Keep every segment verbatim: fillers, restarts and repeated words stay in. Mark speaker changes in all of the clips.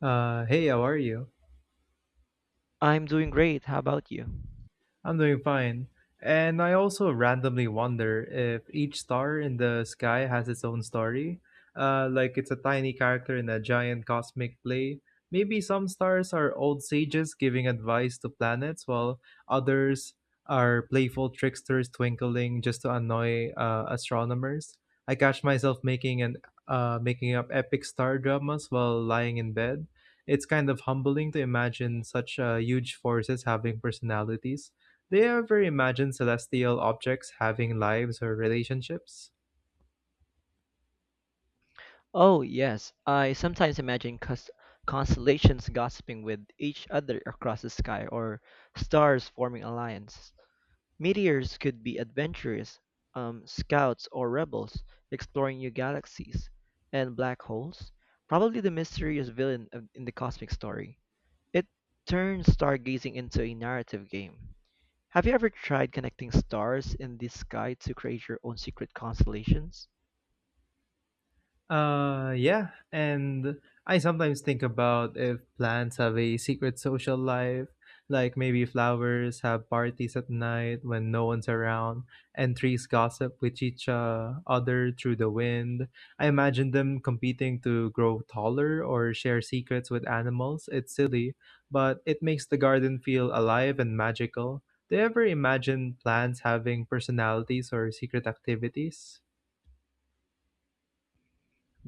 Speaker 1: Uh, hey, how are you?
Speaker 2: I'm doing great. How about you?
Speaker 1: I'm doing fine. And I also randomly wonder if each star in the sky has its own story. Uh, like it's a tiny character in a giant cosmic play. Maybe some stars are old sages giving advice to planets, while others are playful tricksters twinkling just to annoy uh, astronomers. I catch myself making an uh, making up epic star dramas while lying in bed. It's kind of humbling to imagine such uh, huge forces having personalities. Do you ever imagine celestial objects having lives or relationships?
Speaker 2: Oh, yes. I sometimes imagine cus- constellations gossiping with each other across the sky or stars forming alliances. Meteors could be adventurers, um, scouts or rebels exploring new galaxies. And black holes? Probably the mysterious villain of- in the cosmic story. It turns stargazing into a narrative game. Have you ever tried connecting stars in the sky to create your own secret constellations?
Speaker 1: Uh, yeah, and I sometimes think about if plants have a secret social life, like maybe flowers have parties at night when no one's around, and trees gossip with each uh, other through the wind. I imagine them competing to grow taller or share secrets with animals. It's silly, but it makes the garden feel alive and magical. Do you ever imagine plants having personalities or secret activities?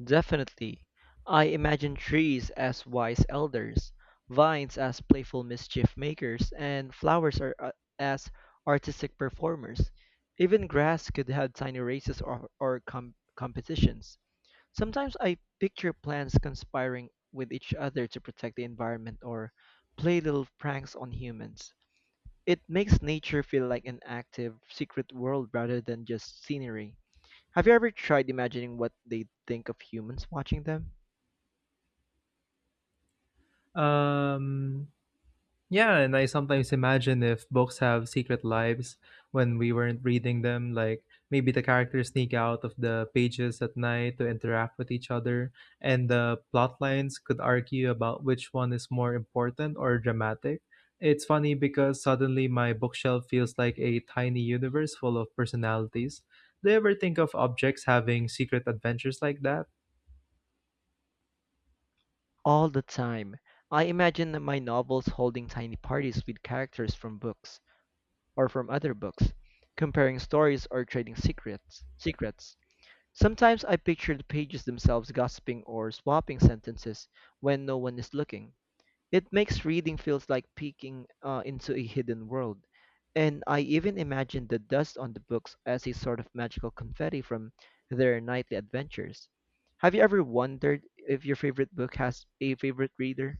Speaker 2: Definitely. I imagine trees as wise elders, vines as playful mischief makers, and flowers are uh, as artistic performers. Even grass could have tiny races or, or com- competitions. Sometimes I picture plants conspiring with each other to protect the environment or play little pranks on humans. It makes nature feel like an active, secret world rather than just scenery. Have you ever tried imagining what they'd think of humans watching them?
Speaker 1: Um, Yeah, and I sometimes imagine if books have secret lives when we weren't reading them, like maybe the characters sneak out of the pages at night to interact with each other, and the plot lines could argue about which one is more important or dramatic. It's funny because suddenly my bookshelf feels like a tiny universe full of personalities. Do you ever think of objects having secret adventures like that?
Speaker 2: All the time. I imagine my novels holding tiny parties with characters from books or from other books, comparing stories or trading secrets. Secrets. Sometimes I picture the pages themselves gossiping or swapping sentences when no one is looking. It makes reading feels like peeking uh, into a hidden world. And I even imagine the dust on the books as a sort of magical confetti from their nightly adventures. Have you ever wondered if your favorite book has a favorite reader?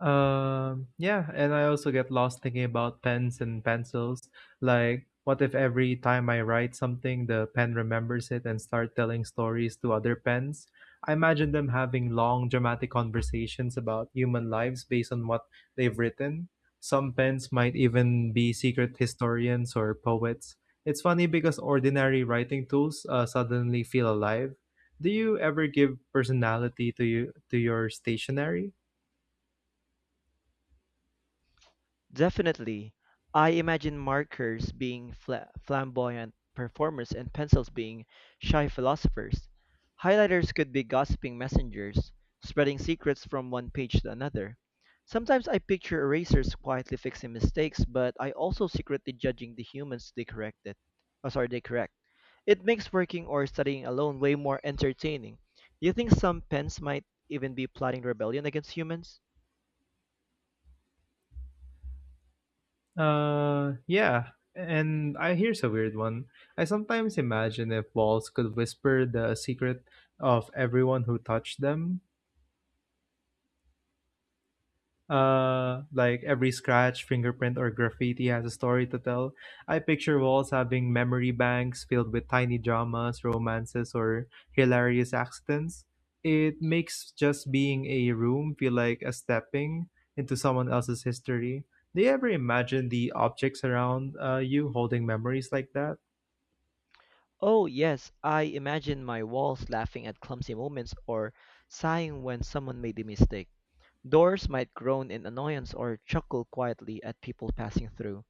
Speaker 1: Um, yeah, and I also get lost thinking about pens and pencils. Like, what if every time I write something, the pen remembers it and start telling stories to other pens? I imagine them having long, dramatic conversations about human lives based on what they've written. Some pens might even be secret historians or poets. It's funny because ordinary writing tools uh, suddenly feel alive. Do you ever give personality to you to your stationery?
Speaker 2: Definitely. I imagine markers being fla flamboyant performers and pencils being shy philosophers. Highlighters could be gossiping messengers, spreading secrets from one page to another. Sometimes I picture erasers quietly fixing mistakes, but I also secretly judging the humans they corrected. Oh, sorry, they correct. It makes working or studying alone way more entertaining. Do you think some pens might even be plotting rebellion against humans?
Speaker 1: Uh, yeah, and I here's a weird one. I sometimes imagine if walls could whisper the secret of everyone who touched them. Uh, like every scratch, fingerprint, or graffiti has a story to tell. I picture walls having memory banks filled with tiny dramas, romances, or hilarious accidents. It makes just being a room feel like a stepping into someone else's history. Do you ever imagine the objects around uh, you holding memories like that?
Speaker 2: Oh, yes, I imagine my walls laughing at clumsy moments or sighing when someone made a mistake. Doors might groan in annoyance or chuckle quietly at people passing through.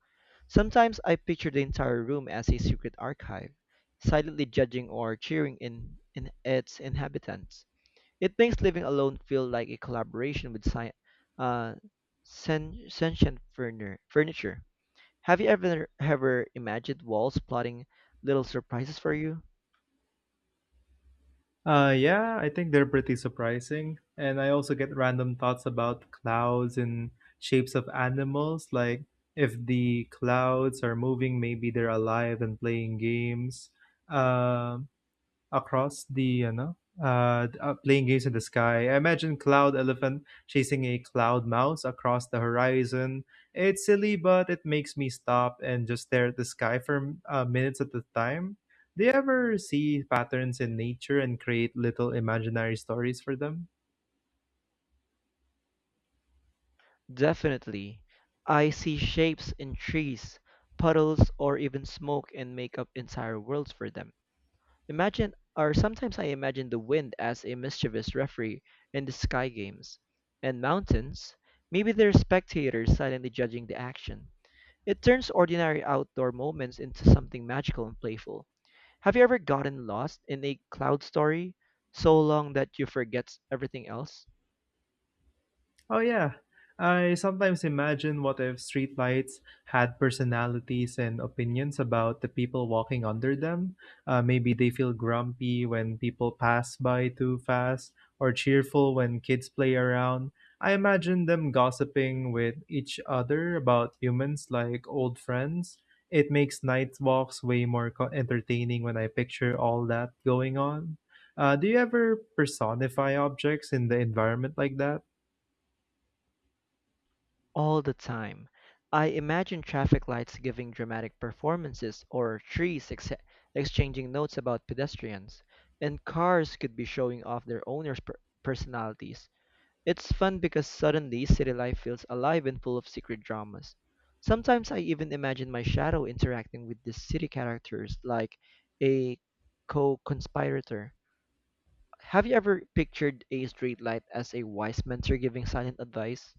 Speaker 2: Sometimes I picture the entire room as a secret archive, silently judging or cheering in, in its inhabitants. It makes living alone feel like a collaboration with sci- uh, sen- sentient furni- furniture. Have you ever ever imagined walls plotting little surprises for you?
Speaker 1: Uh, yeah, I think they're pretty surprising. And I also get random thoughts about clouds and shapes of animals. Like, if the clouds are moving, maybe they're alive and playing games. Um, Across the you know uh, d- uh, playing games in the sky. I imagine Cloud Elephant chasing a cloud mouse across the horizon. It's silly, but it makes me stop and just stare at the sky for uh, minutes at a time. Do you ever see patterns in nature and create little imaginary stories for them?
Speaker 2: Definitely. I see shapes in trees, puddles, or even smoke and make up entire worlds for them. Imagine, or sometimes I imagine the wind as a mischievous referee in the sky games. And mountains, maybe they're spectators silently judging the action. It turns ordinary outdoor moments into something magical and playful. Have you ever gotten lost in a cloud story so long that you forget everything else?
Speaker 1: Oh yeah. I sometimes imagine what if streetlights had personalities and opinions about the people walking under them. Uh, maybe they feel grumpy when people pass by too fast or cheerful when kids play around. I imagine them gossiping with each other about humans like old friends. It makes night walks way more co- entertaining when I picture all that going on. Uh, do you ever personify objects in the environment like that?
Speaker 2: All the time. I imagine traffic lights giving dramatic performances or trees ex- exchanging notes about pedestrians, and cars could be showing off their owners' per- personalities. It's fun because suddenly city life feels alive and full of secret dramas. Sometimes I even imagine my shadow interacting with the city characters like a co-conspirator. Have you ever pictured a streetlight as a wise mentor giving silent advice?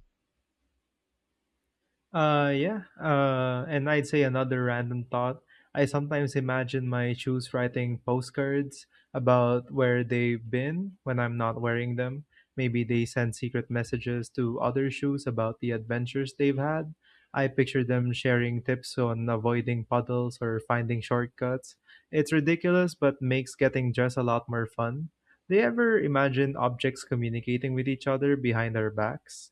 Speaker 1: Uh, yeah. Uh, and I'd say another random thought. I sometimes imagine my shoes writing postcards about where they've been when I'm not wearing them. Maybe they send secret messages to other shoes about the adventures they've had. I picture them sharing tips on avoiding puddles or finding shortcuts. It's ridiculous, but makes getting dressed a lot more fun. Do you ever imagine objects communicating with each other behind our backs?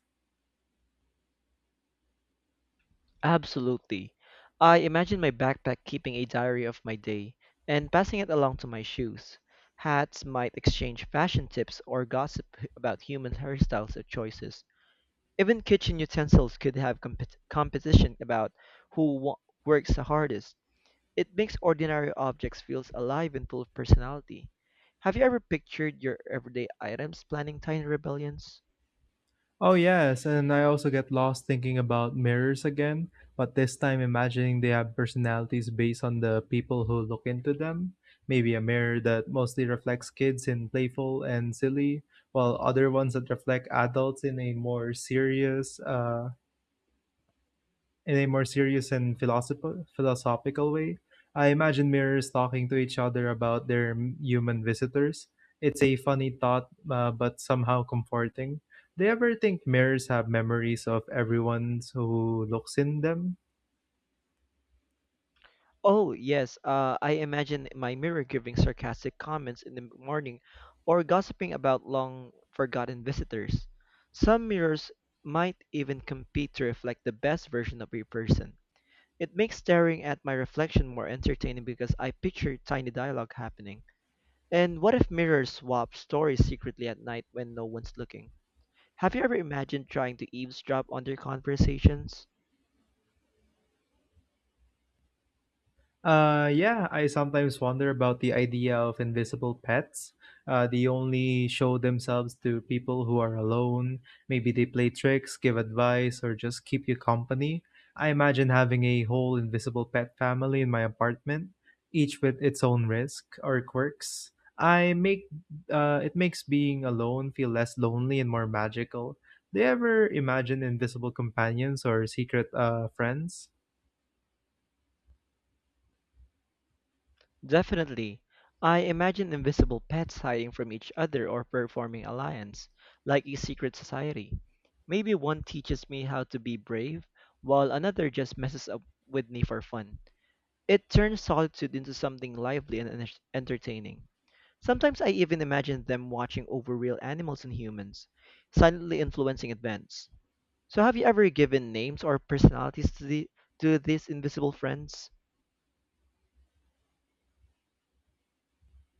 Speaker 2: Absolutely. I imagine my backpack keeping a diary of my day and passing it along to my shoes. Hats might exchange fashion tips or gossip h- about human hairstyles or choices. Even kitchen utensils could have compet competition about who wo- works the hardest. It makes ordinary objects feel alive and full of personality. Have you ever pictured your everyday items planning tiny rebellions?
Speaker 1: Oh, yes, and I also get lost thinking about mirrors again, but this time imagining they have personalities based on the people who look into them. Maybe a mirror that mostly reflects kids in playful and silly, while other ones that reflect adults in a more serious, uh, in a more serious and philosophical philosophical way. I imagine mirrors talking to each other about their m- human visitors. It's a funny thought, uh, but somehow comforting. Do you ever think mirrors have memories of everyone who looks in them?
Speaker 2: Oh, yes, uh, I imagine my mirror giving sarcastic comments in the morning or gossiping about long forgotten visitors. Some mirrors might even compete to reflect the best version of a person. It makes staring at my reflection more entertaining because I picture tiny dialogue happening. And what if mirrors swap stories secretly at night when no one's looking? Have you ever imagined trying to eavesdrop on their conversations?
Speaker 1: Uh, yeah, I sometimes wonder about the idea of invisible pets. Uh, they only show themselves to people who are alone. Maybe they play tricks, give advice, or just keep you company. I imagine having a whole invisible pet family in my apartment, each with its own risk or quirks. I make uh, it makes being alone feel less lonely and more magical. Do you ever imagine invisible companions or secret uh, friends?
Speaker 2: Definitely. I imagine invisible pets hiding from each other or performing alliance, like a secret society. Maybe one teaches me how to be brave, while another just messes up with me for fun. It turns solitude into something lively and enter- entertaining. Sometimes I even imagine them watching over real animals and humans, silently influencing events. So have you ever given names or personalities to the to these invisible friends?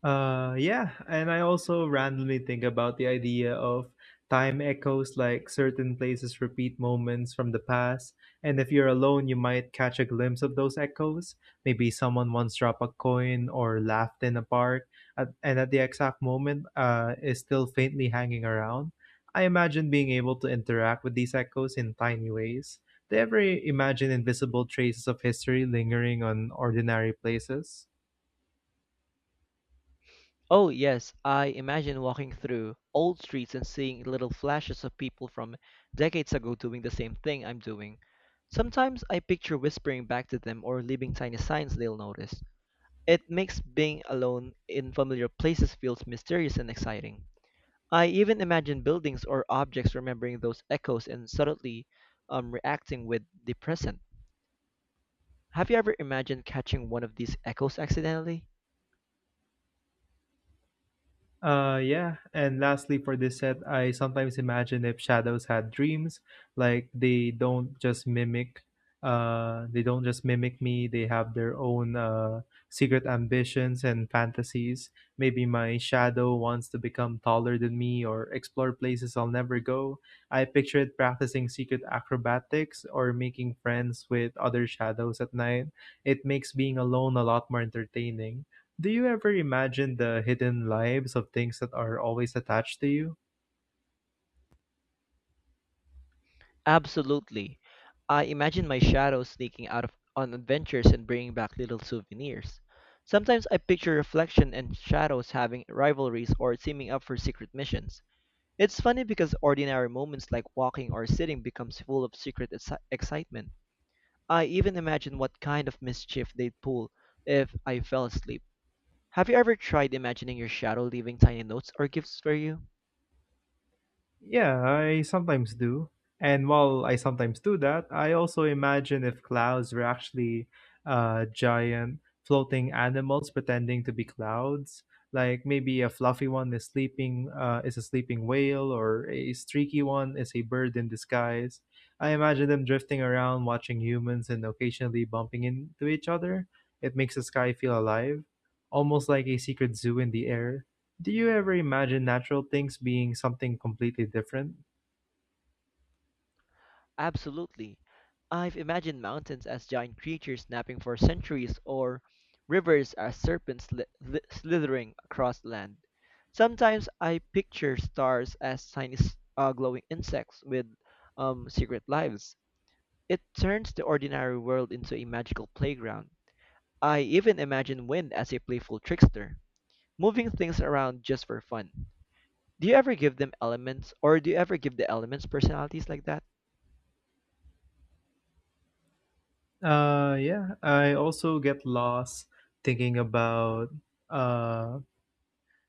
Speaker 1: Uh, yeah, and I also randomly think about the idea of time echoes, like certain places repeat moments from the past, and if you're alone, you might catch a glimpse of those echoes. Maybe someone once dropped a coin or laughed in a park, at, and at the exact moment, uh, is still faintly hanging around. I imagine being able to interact with these echoes in tiny ways. Do you ever imagine invisible traces of history lingering on ordinary places?
Speaker 2: Oh, yes, I imagine walking through old streets and seeing little flashes of people from decades ago doing the same thing I'm doing. Sometimes I picture whispering back to them or leaving tiny signs they'll notice. It makes being alone in familiar places feels mysterious and exciting. I even imagine buildings or objects remembering those echoes and subtly um, reacting with the present. Have you ever imagined catching one of these echoes accidentally?
Speaker 1: Uh, yeah. And lastly, for this set, I sometimes imagine if shadows had dreams, like they don't just mimic, uh, they don't just mimic me. They have their own uh, secret ambitions and fantasies. Maybe my shadow wants to become taller than me or explore places I'll never go. I picture it practicing secret acrobatics or making friends with other shadows at night. It makes being alone a lot more entertaining. Do you ever imagine the hidden lives of things that are always attached to you?
Speaker 2: Absolutely. I imagine my shadow sneaking out of, on adventures and bringing back little souvenirs. Sometimes I picture reflection and shadows having rivalries or teaming up for secret missions. It's funny because ordinary moments like walking or sitting becomes full of secret exci- excitement. I even imagine what kind of mischief they'd pull if I fell asleep. Have you ever tried imagining your shadow leaving tiny notes or gifts for you?
Speaker 1: Yeah, I sometimes do. And while I sometimes do that, I also imagine if clouds were actually uh, giant floating animals pretending to be clouds. Like maybe a fluffy one is sleeping, uh, is a sleeping whale, or a streaky one is a bird in disguise. I imagine them drifting around, watching humans, and occasionally bumping into each other. It makes the sky feel alive, almost like a secret zoo in the air. Do you ever imagine natural things being something completely different?
Speaker 2: Absolutely. I've imagined mountains as giant creatures snapping for centuries, or rivers as serpents sli- li- slithering across land. Sometimes I picture stars as tiny s- uh, glowing insects with um, secret lives. It turns the ordinary world into a magical playground. I even imagine wind as a playful trickster, moving things around just for fun. Do you ever give them elements, or do you ever give the elements personalities like that?
Speaker 1: Uh, yeah, I also get lost thinking about uh,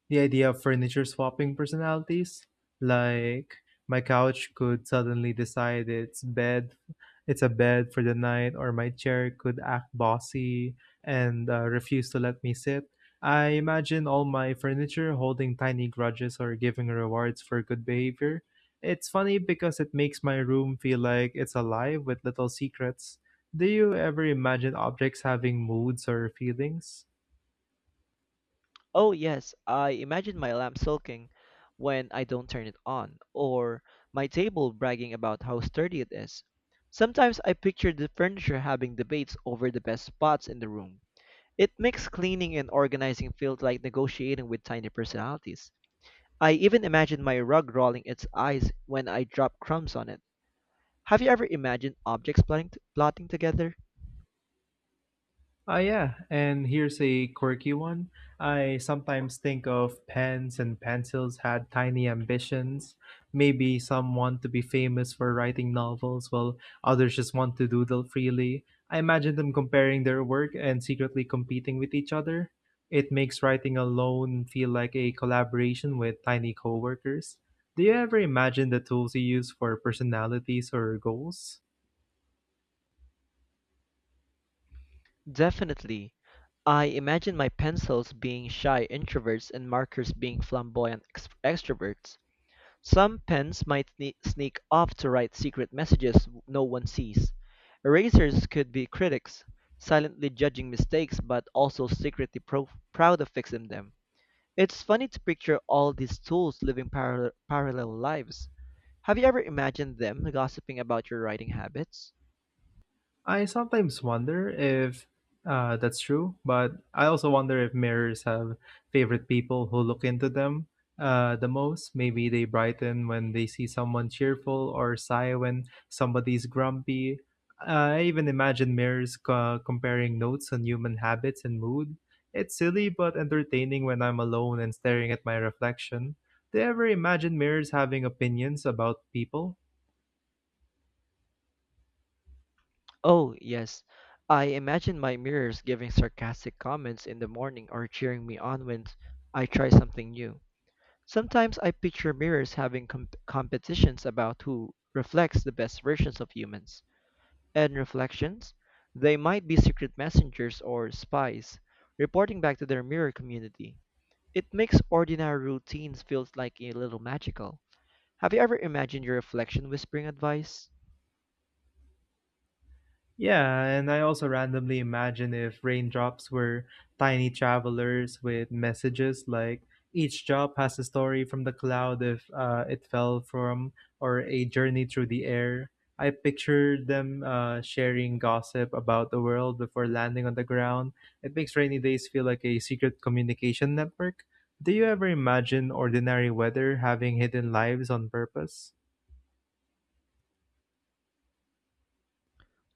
Speaker 1: the idea of furniture swapping personalities, like my couch could suddenly decide it's bed, it's a bed for the night, or my chair could act bossy and uh, refuse to let me sit. I imagine all my furniture holding tiny grudges or giving rewards for good behavior. It's funny because it makes my room feel like it's alive with little secrets. Do you ever imagine objects having moods or feelings?
Speaker 2: Oh, yes, I imagine my lamp sulking when I don't turn it on, or my table bragging about how sturdy it is. Sometimes I picture the furniture having debates over the best spots in the room. It makes cleaning and organizing feel like negotiating with tiny personalities. I even imagine my rug rolling its eyes when I drop crumbs on it. Have you ever imagined objects plotting, plotting together?
Speaker 1: Ah, yeah, and here's a quirky one. I sometimes think of pens and pencils had tiny ambitions. Maybe some want to be famous for writing novels, while others just want to doodle freely. I imagine them comparing their work and secretly competing with each other. It makes writing alone feel like a collaboration with tiny coworkers. Do you ever imagine the tools you use for personalities or goals?
Speaker 2: Definitely. I imagine my pencils being shy introverts and markers being flamboyant ex- extroverts. Some pens might sne- sneak off to write secret messages no one sees. Erasers could be critics, silently judging mistakes but also secretly pro- proud of fixing them. It's funny to picture all these tools living parallel parallel lives. Have you ever imagined them gossiping about your writing habits?
Speaker 1: I sometimes wonder if uh, that's true, but I also wonder if mirrors have favorite people who look into them uh, the most. Maybe they brighten when they see someone cheerful or sigh when somebody's grumpy. Uh, I even imagine mirrors co- comparing notes on human habits and mood. It's silly but entertaining when I'm alone and staring at my reflection. Do you ever imagine mirrors having opinions about people?
Speaker 2: Oh, yes. I imagine my mirrors giving sarcastic comments in the morning or cheering me on when I try something new. Sometimes I picture mirrors having com- competitions about who reflects the best versions of humans. And reflections? They might be secret messengers or spies, reporting back to their mirror community. It makes ordinary routines feel like a little magical. Have you ever imagined your reflection whispering advice?
Speaker 1: Yeah, and I also randomly imagine if raindrops were tiny travelers with messages like each drop has a story from the cloud if uh, it fell from or a journey through the air. I picture them uh, sharing gossip about the world before landing on the ground. It makes rainy days feel like a secret communication network. Do you ever imagine ordinary weather having hidden lives on purpose?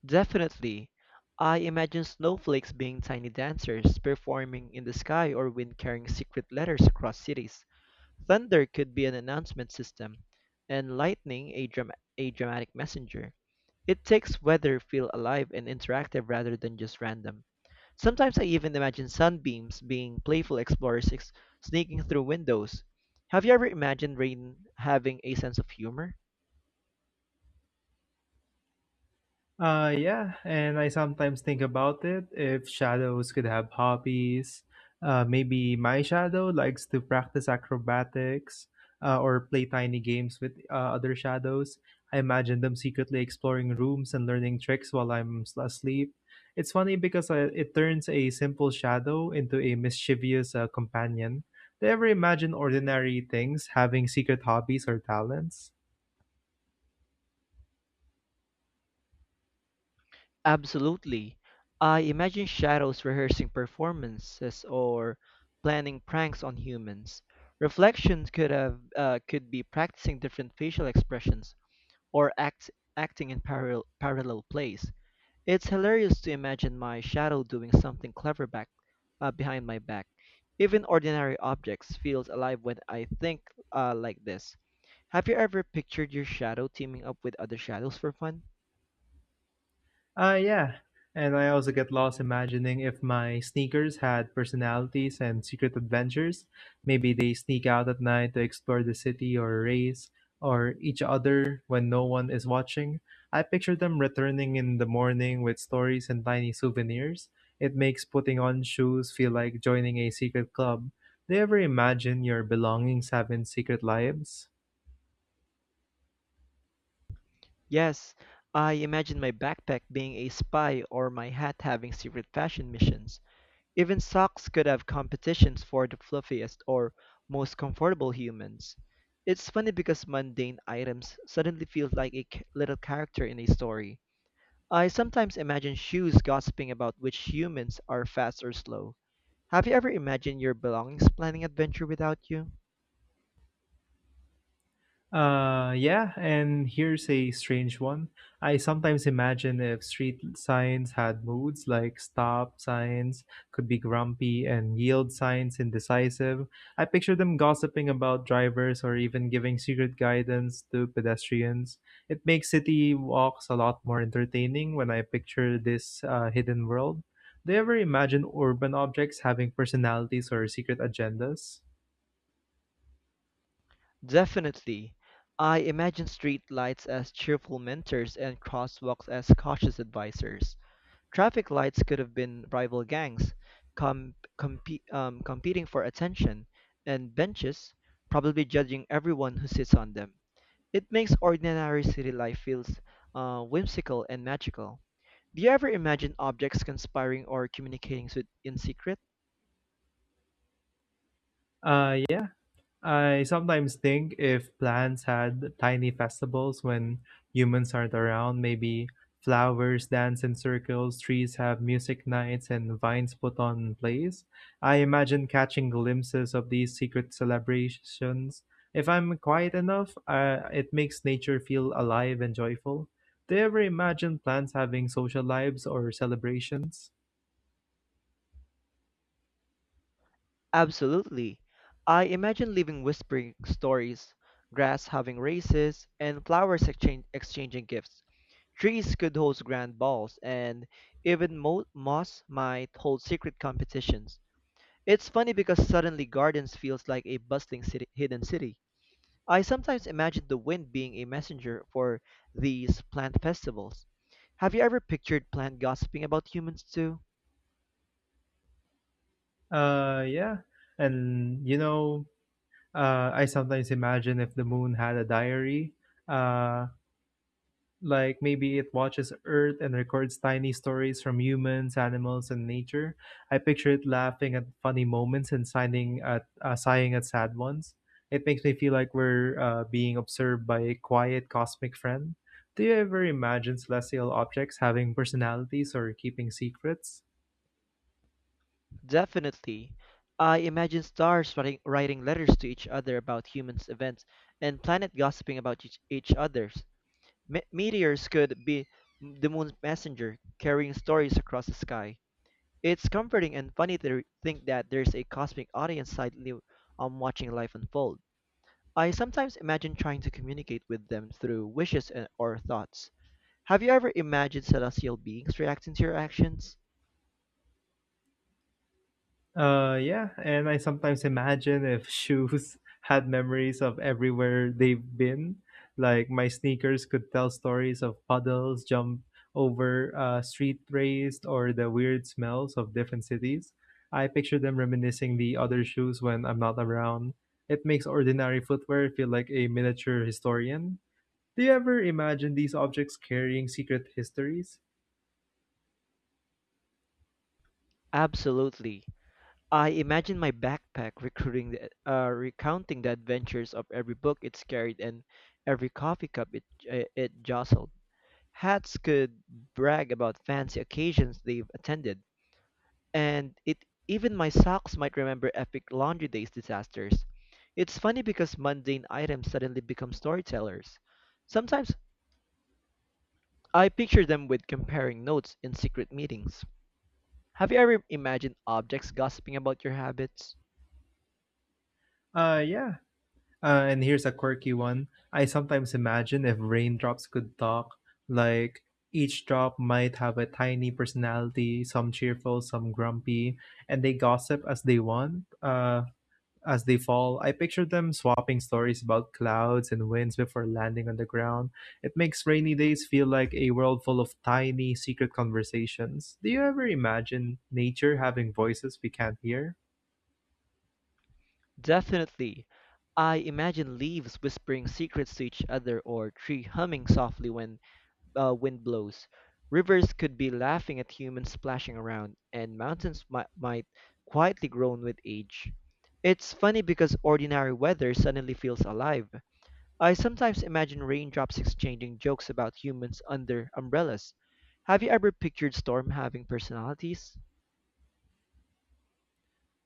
Speaker 2: Definitely. I imagine snowflakes being tiny dancers performing in the sky or wind carrying secret letters across cities. Thunder could be an announcement system, and lightning a, dram- a dramatic messenger. It takes weather feel alive and interactive rather than just random. Sometimes I even imagine sunbeams being playful explorers ex- sneaking through windows. Have you ever imagined rain having a sense of humor?
Speaker 1: Uh, yeah, and I sometimes think about it. If shadows could have hobbies, uh, maybe my shadow likes to practice acrobatics uh, or play tiny games with uh, other shadows. I imagine them secretly exploring rooms and learning tricks while I'm s- asleep. It's funny because uh, it turns a simple shadow into a mischievous uh, companion. Do you ever imagine ordinary things having secret hobbies or talents?
Speaker 2: Absolutely. I imagine shadows rehearsing performances or planning pranks on humans. Reflections could have uh, could be practicing different facial expressions or act acting in parallel parallel plays. It's hilarious to imagine my shadow doing something clever back uh, behind my back. Even ordinary objects feels alive when I think uh, like this. Have you ever pictured your shadow teaming up with other shadows for fun?
Speaker 1: Uh, yeah. And I also get lost imagining if my sneakers had personalities and secret adventures. Maybe they sneak out at night to explore the city or race or each other when no one is watching. I picture them returning in the morning with stories and tiny souvenirs. It makes putting on shoes feel like joining a secret club. Do you ever imagine your belongings having secret lives?
Speaker 2: Yes, I imagine my backpack being a spy or my hat having secret fashion missions. Even socks could have competitions for the fluffiest or most comfortable humans. It's funny because mundane items suddenly feel like a c- little character in a story. I sometimes imagine shoes gossiping about which humans are fast or slow. Have you ever imagined your belongings planning adventure without you?
Speaker 1: Uh, yeah, and here's a strange one. I sometimes imagine if street signs had moods, like stop signs could be grumpy and yield signs indecisive. I picture them gossiping about drivers or even giving secret guidance to pedestrians. It makes city walks a lot more entertaining when I picture this uh, hidden world. Do you ever imagine urban objects having personalities or secret agendas?
Speaker 2: Definitely. I imagine street lights as cheerful mentors and crosswalks as cautious advisors. Traffic lights could have been rival gangs com- compe- um, competing for attention, and benches probably judging everyone who sits on them. It makes ordinary city life feels uh, whimsical and magical. Do you ever imagine objects conspiring or communicating with, in secret?
Speaker 1: Uh, yeah. I sometimes think if plants had tiny festivals when humans aren't around, maybe flowers dance in circles, trees have music nights, and vines put on plays. I imagine catching glimpses of these secret celebrations. If I'm quiet enough, uh, it makes nature feel alive and joyful. Do you ever imagine plants having social lives or celebrations?
Speaker 2: Absolutely. I imagine living whispering stories, grass having races, and flowers exchange, exchanging gifts. Trees could host grand balls, and even mo- moss might hold secret competitions. It's funny because suddenly gardens feels like a bustling city, hidden city. I sometimes imagine the wind being a messenger for these plant festivals. Have you ever pictured plant gossiping about humans too?
Speaker 1: Uh, yeah. And you know, Uh, I sometimes imagine if the moon had a diary, uh, like maybe it watches Earth and records tiny stories from humans, animals, and nature. I picture it laughing at funny moments and signing at, uh, sighing at sad ones. It makes me feel like we're uh, being observed by a quiet cosmic friend. Do you ever imagine celestial objects having personalities or keeping secrets?
Speaker 2: Definitely. I imagine stars writing, writing letters to each other about humans' events and planet gossiping about each, each other's. Me- meteors could be the moon's messenger, carrying stories across the sky. It's comforting and funny to re- think that there's a cosmic audience silently um, watching life unfold. I sometimes imagine trying to communicate with them through wishes and, or thoughts. Have you ever imagined celestial beings reacting to your actions?
Speaker 1: Uh, yeah, and I sometimes imagine if shoes had memories of everywhere they've been, like my sneakers could tell stories of puddles, jump over uh, street raised, or the weird smells of different cities. I picture them reminiscing the other shoes when I'm not around. It makes ordinary footwear feel like a miniature historian. Do you ever imagine these objects carrying secret histories?
Speaker 2: Absolutely. I imagine my backpack recruiting the, uh, recounting the adventures of every book it carried and every coffee cup it, uh, it jostled. Hats could brag about fancy occasions they've attended, and it even my socks might remember epic laundry days disasters. It's funny because mundane items suddenly become storytellers. Sometimes I picture them with comparing notes in secret meetings. Have you ever imagined objects gossiping about your habits?
Speaker 1: Uh, yeah, Uh, and here's a quirky one. I sometimes imagine if raindrops could talk, like each drop might have a tiny personality, some cheerful, some grumpy, and they gossip as they want, uh, as they fall. I picture them swapping stories about clouds and winds before landing on the ground. It makes rainy days feel like a world full of tiny, secret conversations. Do you ever imagine nature having voices we can't hear?
Speaker 2: Definitely. I imagine leaves whispering secrets to each other or tree humming softly when uh, wind blows. Rivers could be laughing at humans splashing around, and mountains mi- might quietly groan with age. It's funny because ordinary weather suddenly feels alive. I sometimes imagine raindrops exchanging jokes about humans under umbrellas. Have you ever pictured storm having personalities?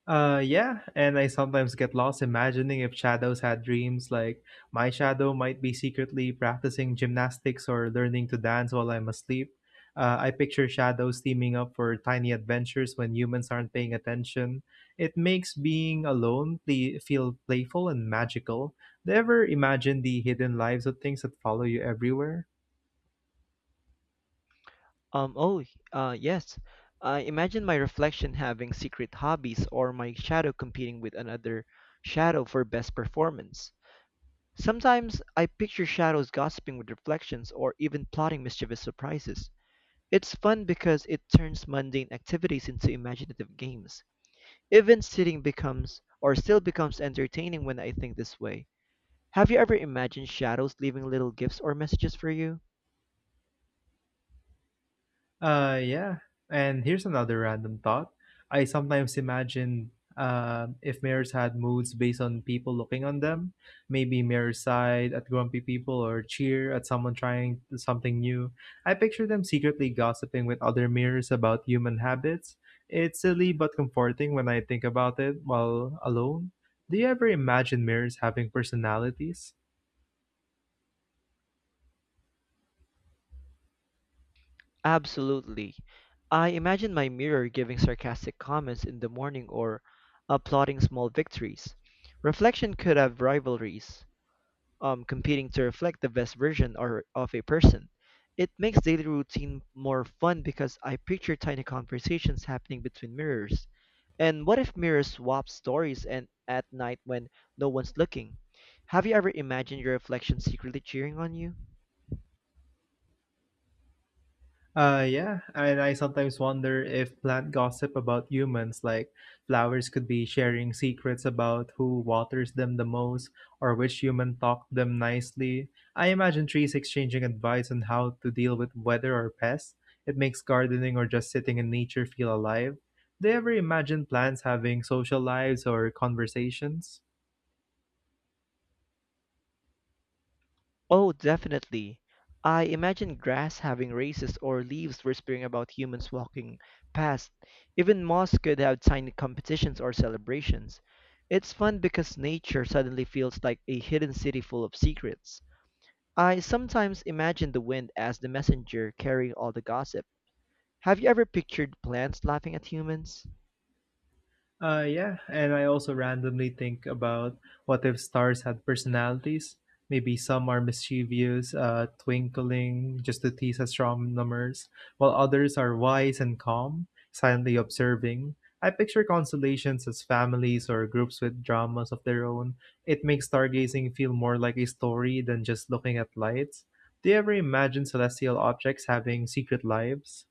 Speaker 1: Uh, yeah, and I sometimes get lost imagining if shadows had dreams, like my shadow might be secretly practicing gymnastics or learning to dance while I'm asleep. Uh, I picture shadows teaming up for tiny adventures when humans aren't paying attention. It makes being alone ple- feel playful and magical. Do you ever imagine the hidden lives of things that follow you everywhere?
Speaker 2: Um, oh, uh, yes. I imagine my reflection having secret hobbies or my shadow competing with another shadow for best performance. Sometimes I picture shadows gossiping with reflections or even plotting mischievous surprises. It's fun because it turns mundane activities into imaginative games. Even sitting becomes or still becomes entertaining when I think this way. Have you ever imagined shadows leaving little gifts or messages for you?
Speaker 1: Uh, yeah. And here's another random thought. I sometimes imagine uh if mirrors had moods based on people looking on them. Maybe mirrors sighed at grumpy people or cheer at someone trying something new. I picture them secretly gossiping with other mirrors about human habits. It's silly but comforting when I think about it while alone. Do you ever imagine mirrors having personalities?
Speaker 2: Absolutely. I imagine my mirror giving sarcastic comments in the morning or applauding small victories. Reflection could have rivalries, um, competing to reflect the best version or of a person. It makes daily routine more fun because I picture tiny conversations happening between mirrors. And what if mirrors swap stories and at night when no one's looking? Have you ever imagined your reflection secretly cheering on you?
Speaker 1: Uh, yeah, and I sometimes wonder if plant gossip about humans, like flowers, could be sharing secrets about who waters them the most or which human talked them nicely. I imagine trees exchanging advice on how to deal with weather or pests. It makes gardening or just sitting in nature feel alive. Do you ever imagine plants having social lives or conversations?
Speaker 2: Oh, definitely. I imagine grass having races or leaves whispering about humans walking past. Even moss could have tiny competitions or celebrations. It's fun because nature suddenly feels like a hidden city full of secrets. I sometimes imagine the wind as the messenger carrying all the gossip. Have you ever pictured plants laughing at humans?
Speaker 1: Uh, yeah, and I also randomly think about what if stars had personalities? Maybe some are mischievous, uh, twinkling just to tease astronomers, while others are wise and calm, silently observing. I picture constellations as families or groups with dramas of their own. It makes stargazing feel more like a story than just looking at lights. Do you ever imagine celestial objects having secret lives?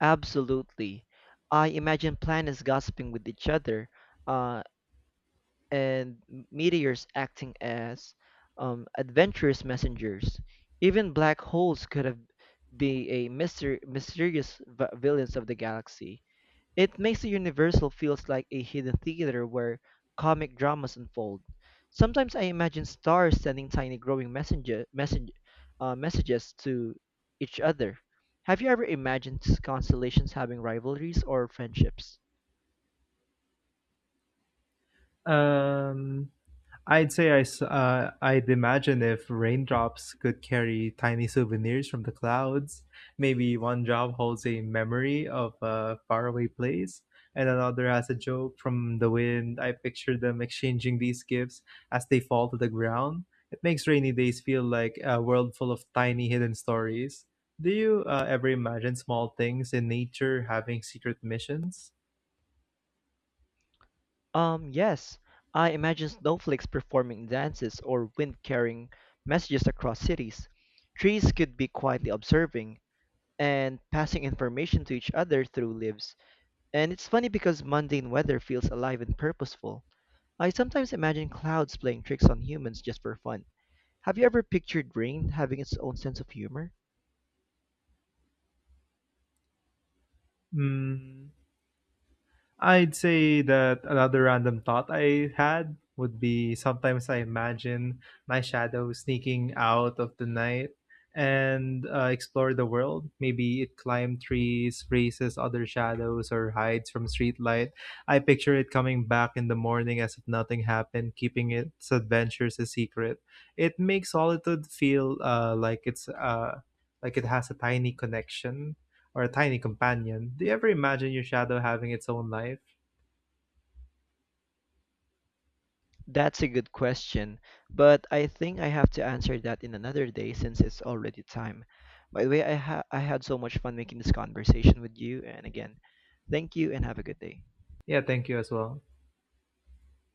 Speaker 2: Absolutely. I imagine plants gossiping with each other, uh, and m- meteors acting as um, adventurous messengers. Even black holes could have be a myster- mysterious v- villains of the galaxy. It makes the Universal feels like a hidden theater where comic dramas unfold. Sometimes I imagine stars sending tiny glowing messenger message, uh, messages to each other. Have you ever imagined constellations having rivalries or friendships?
Speaker 1: Um, I'd say I, s- uh, I'd imagine if raindrops could carry tiny souvenirs from the clouds, maybe one job holds a memory of a faraway place, and another has a joke from the wind. I picture them exchanging these gifts as they fall to the ground. It makes rainy days feel like a world full of tiny hidden stories. Do you uh, ever imagine small things in nature having secret missions?
Speaker 2: Um, yes, I imagine snowflakes performing dances or wind carrying messages across cities. Trees could be quietly observing and passing information to each other through leaves. And it's funny because mundane weather feels alive and purposeful. I sometimes imagine clouds playing tricks on humans just for fun. Have you ever pictured rain having its own sense of humor?
Speaker 1: Mm, I'd say that another random thought I had would be sometimes I imagine my shadow sneaking out of the night and uh, explore the world. Maybe it climbs trees, races other shadows, or hides from streetlight. I picture it coming back in the morning as if nothing happened, keeping its adventures a secret. It makes solitude feel uh, like it's uh, like it has a tiny connection or a tiny companion. Do you ever imagine your shadow having its own life?
Speaker 2: That's a good question, but I think I have to answer that in another day since it's already time. By the way, I ha I had so much fun making this conversation with you, and again, thank you and have a good day.
Speaker 1: Yeah, thank you as well.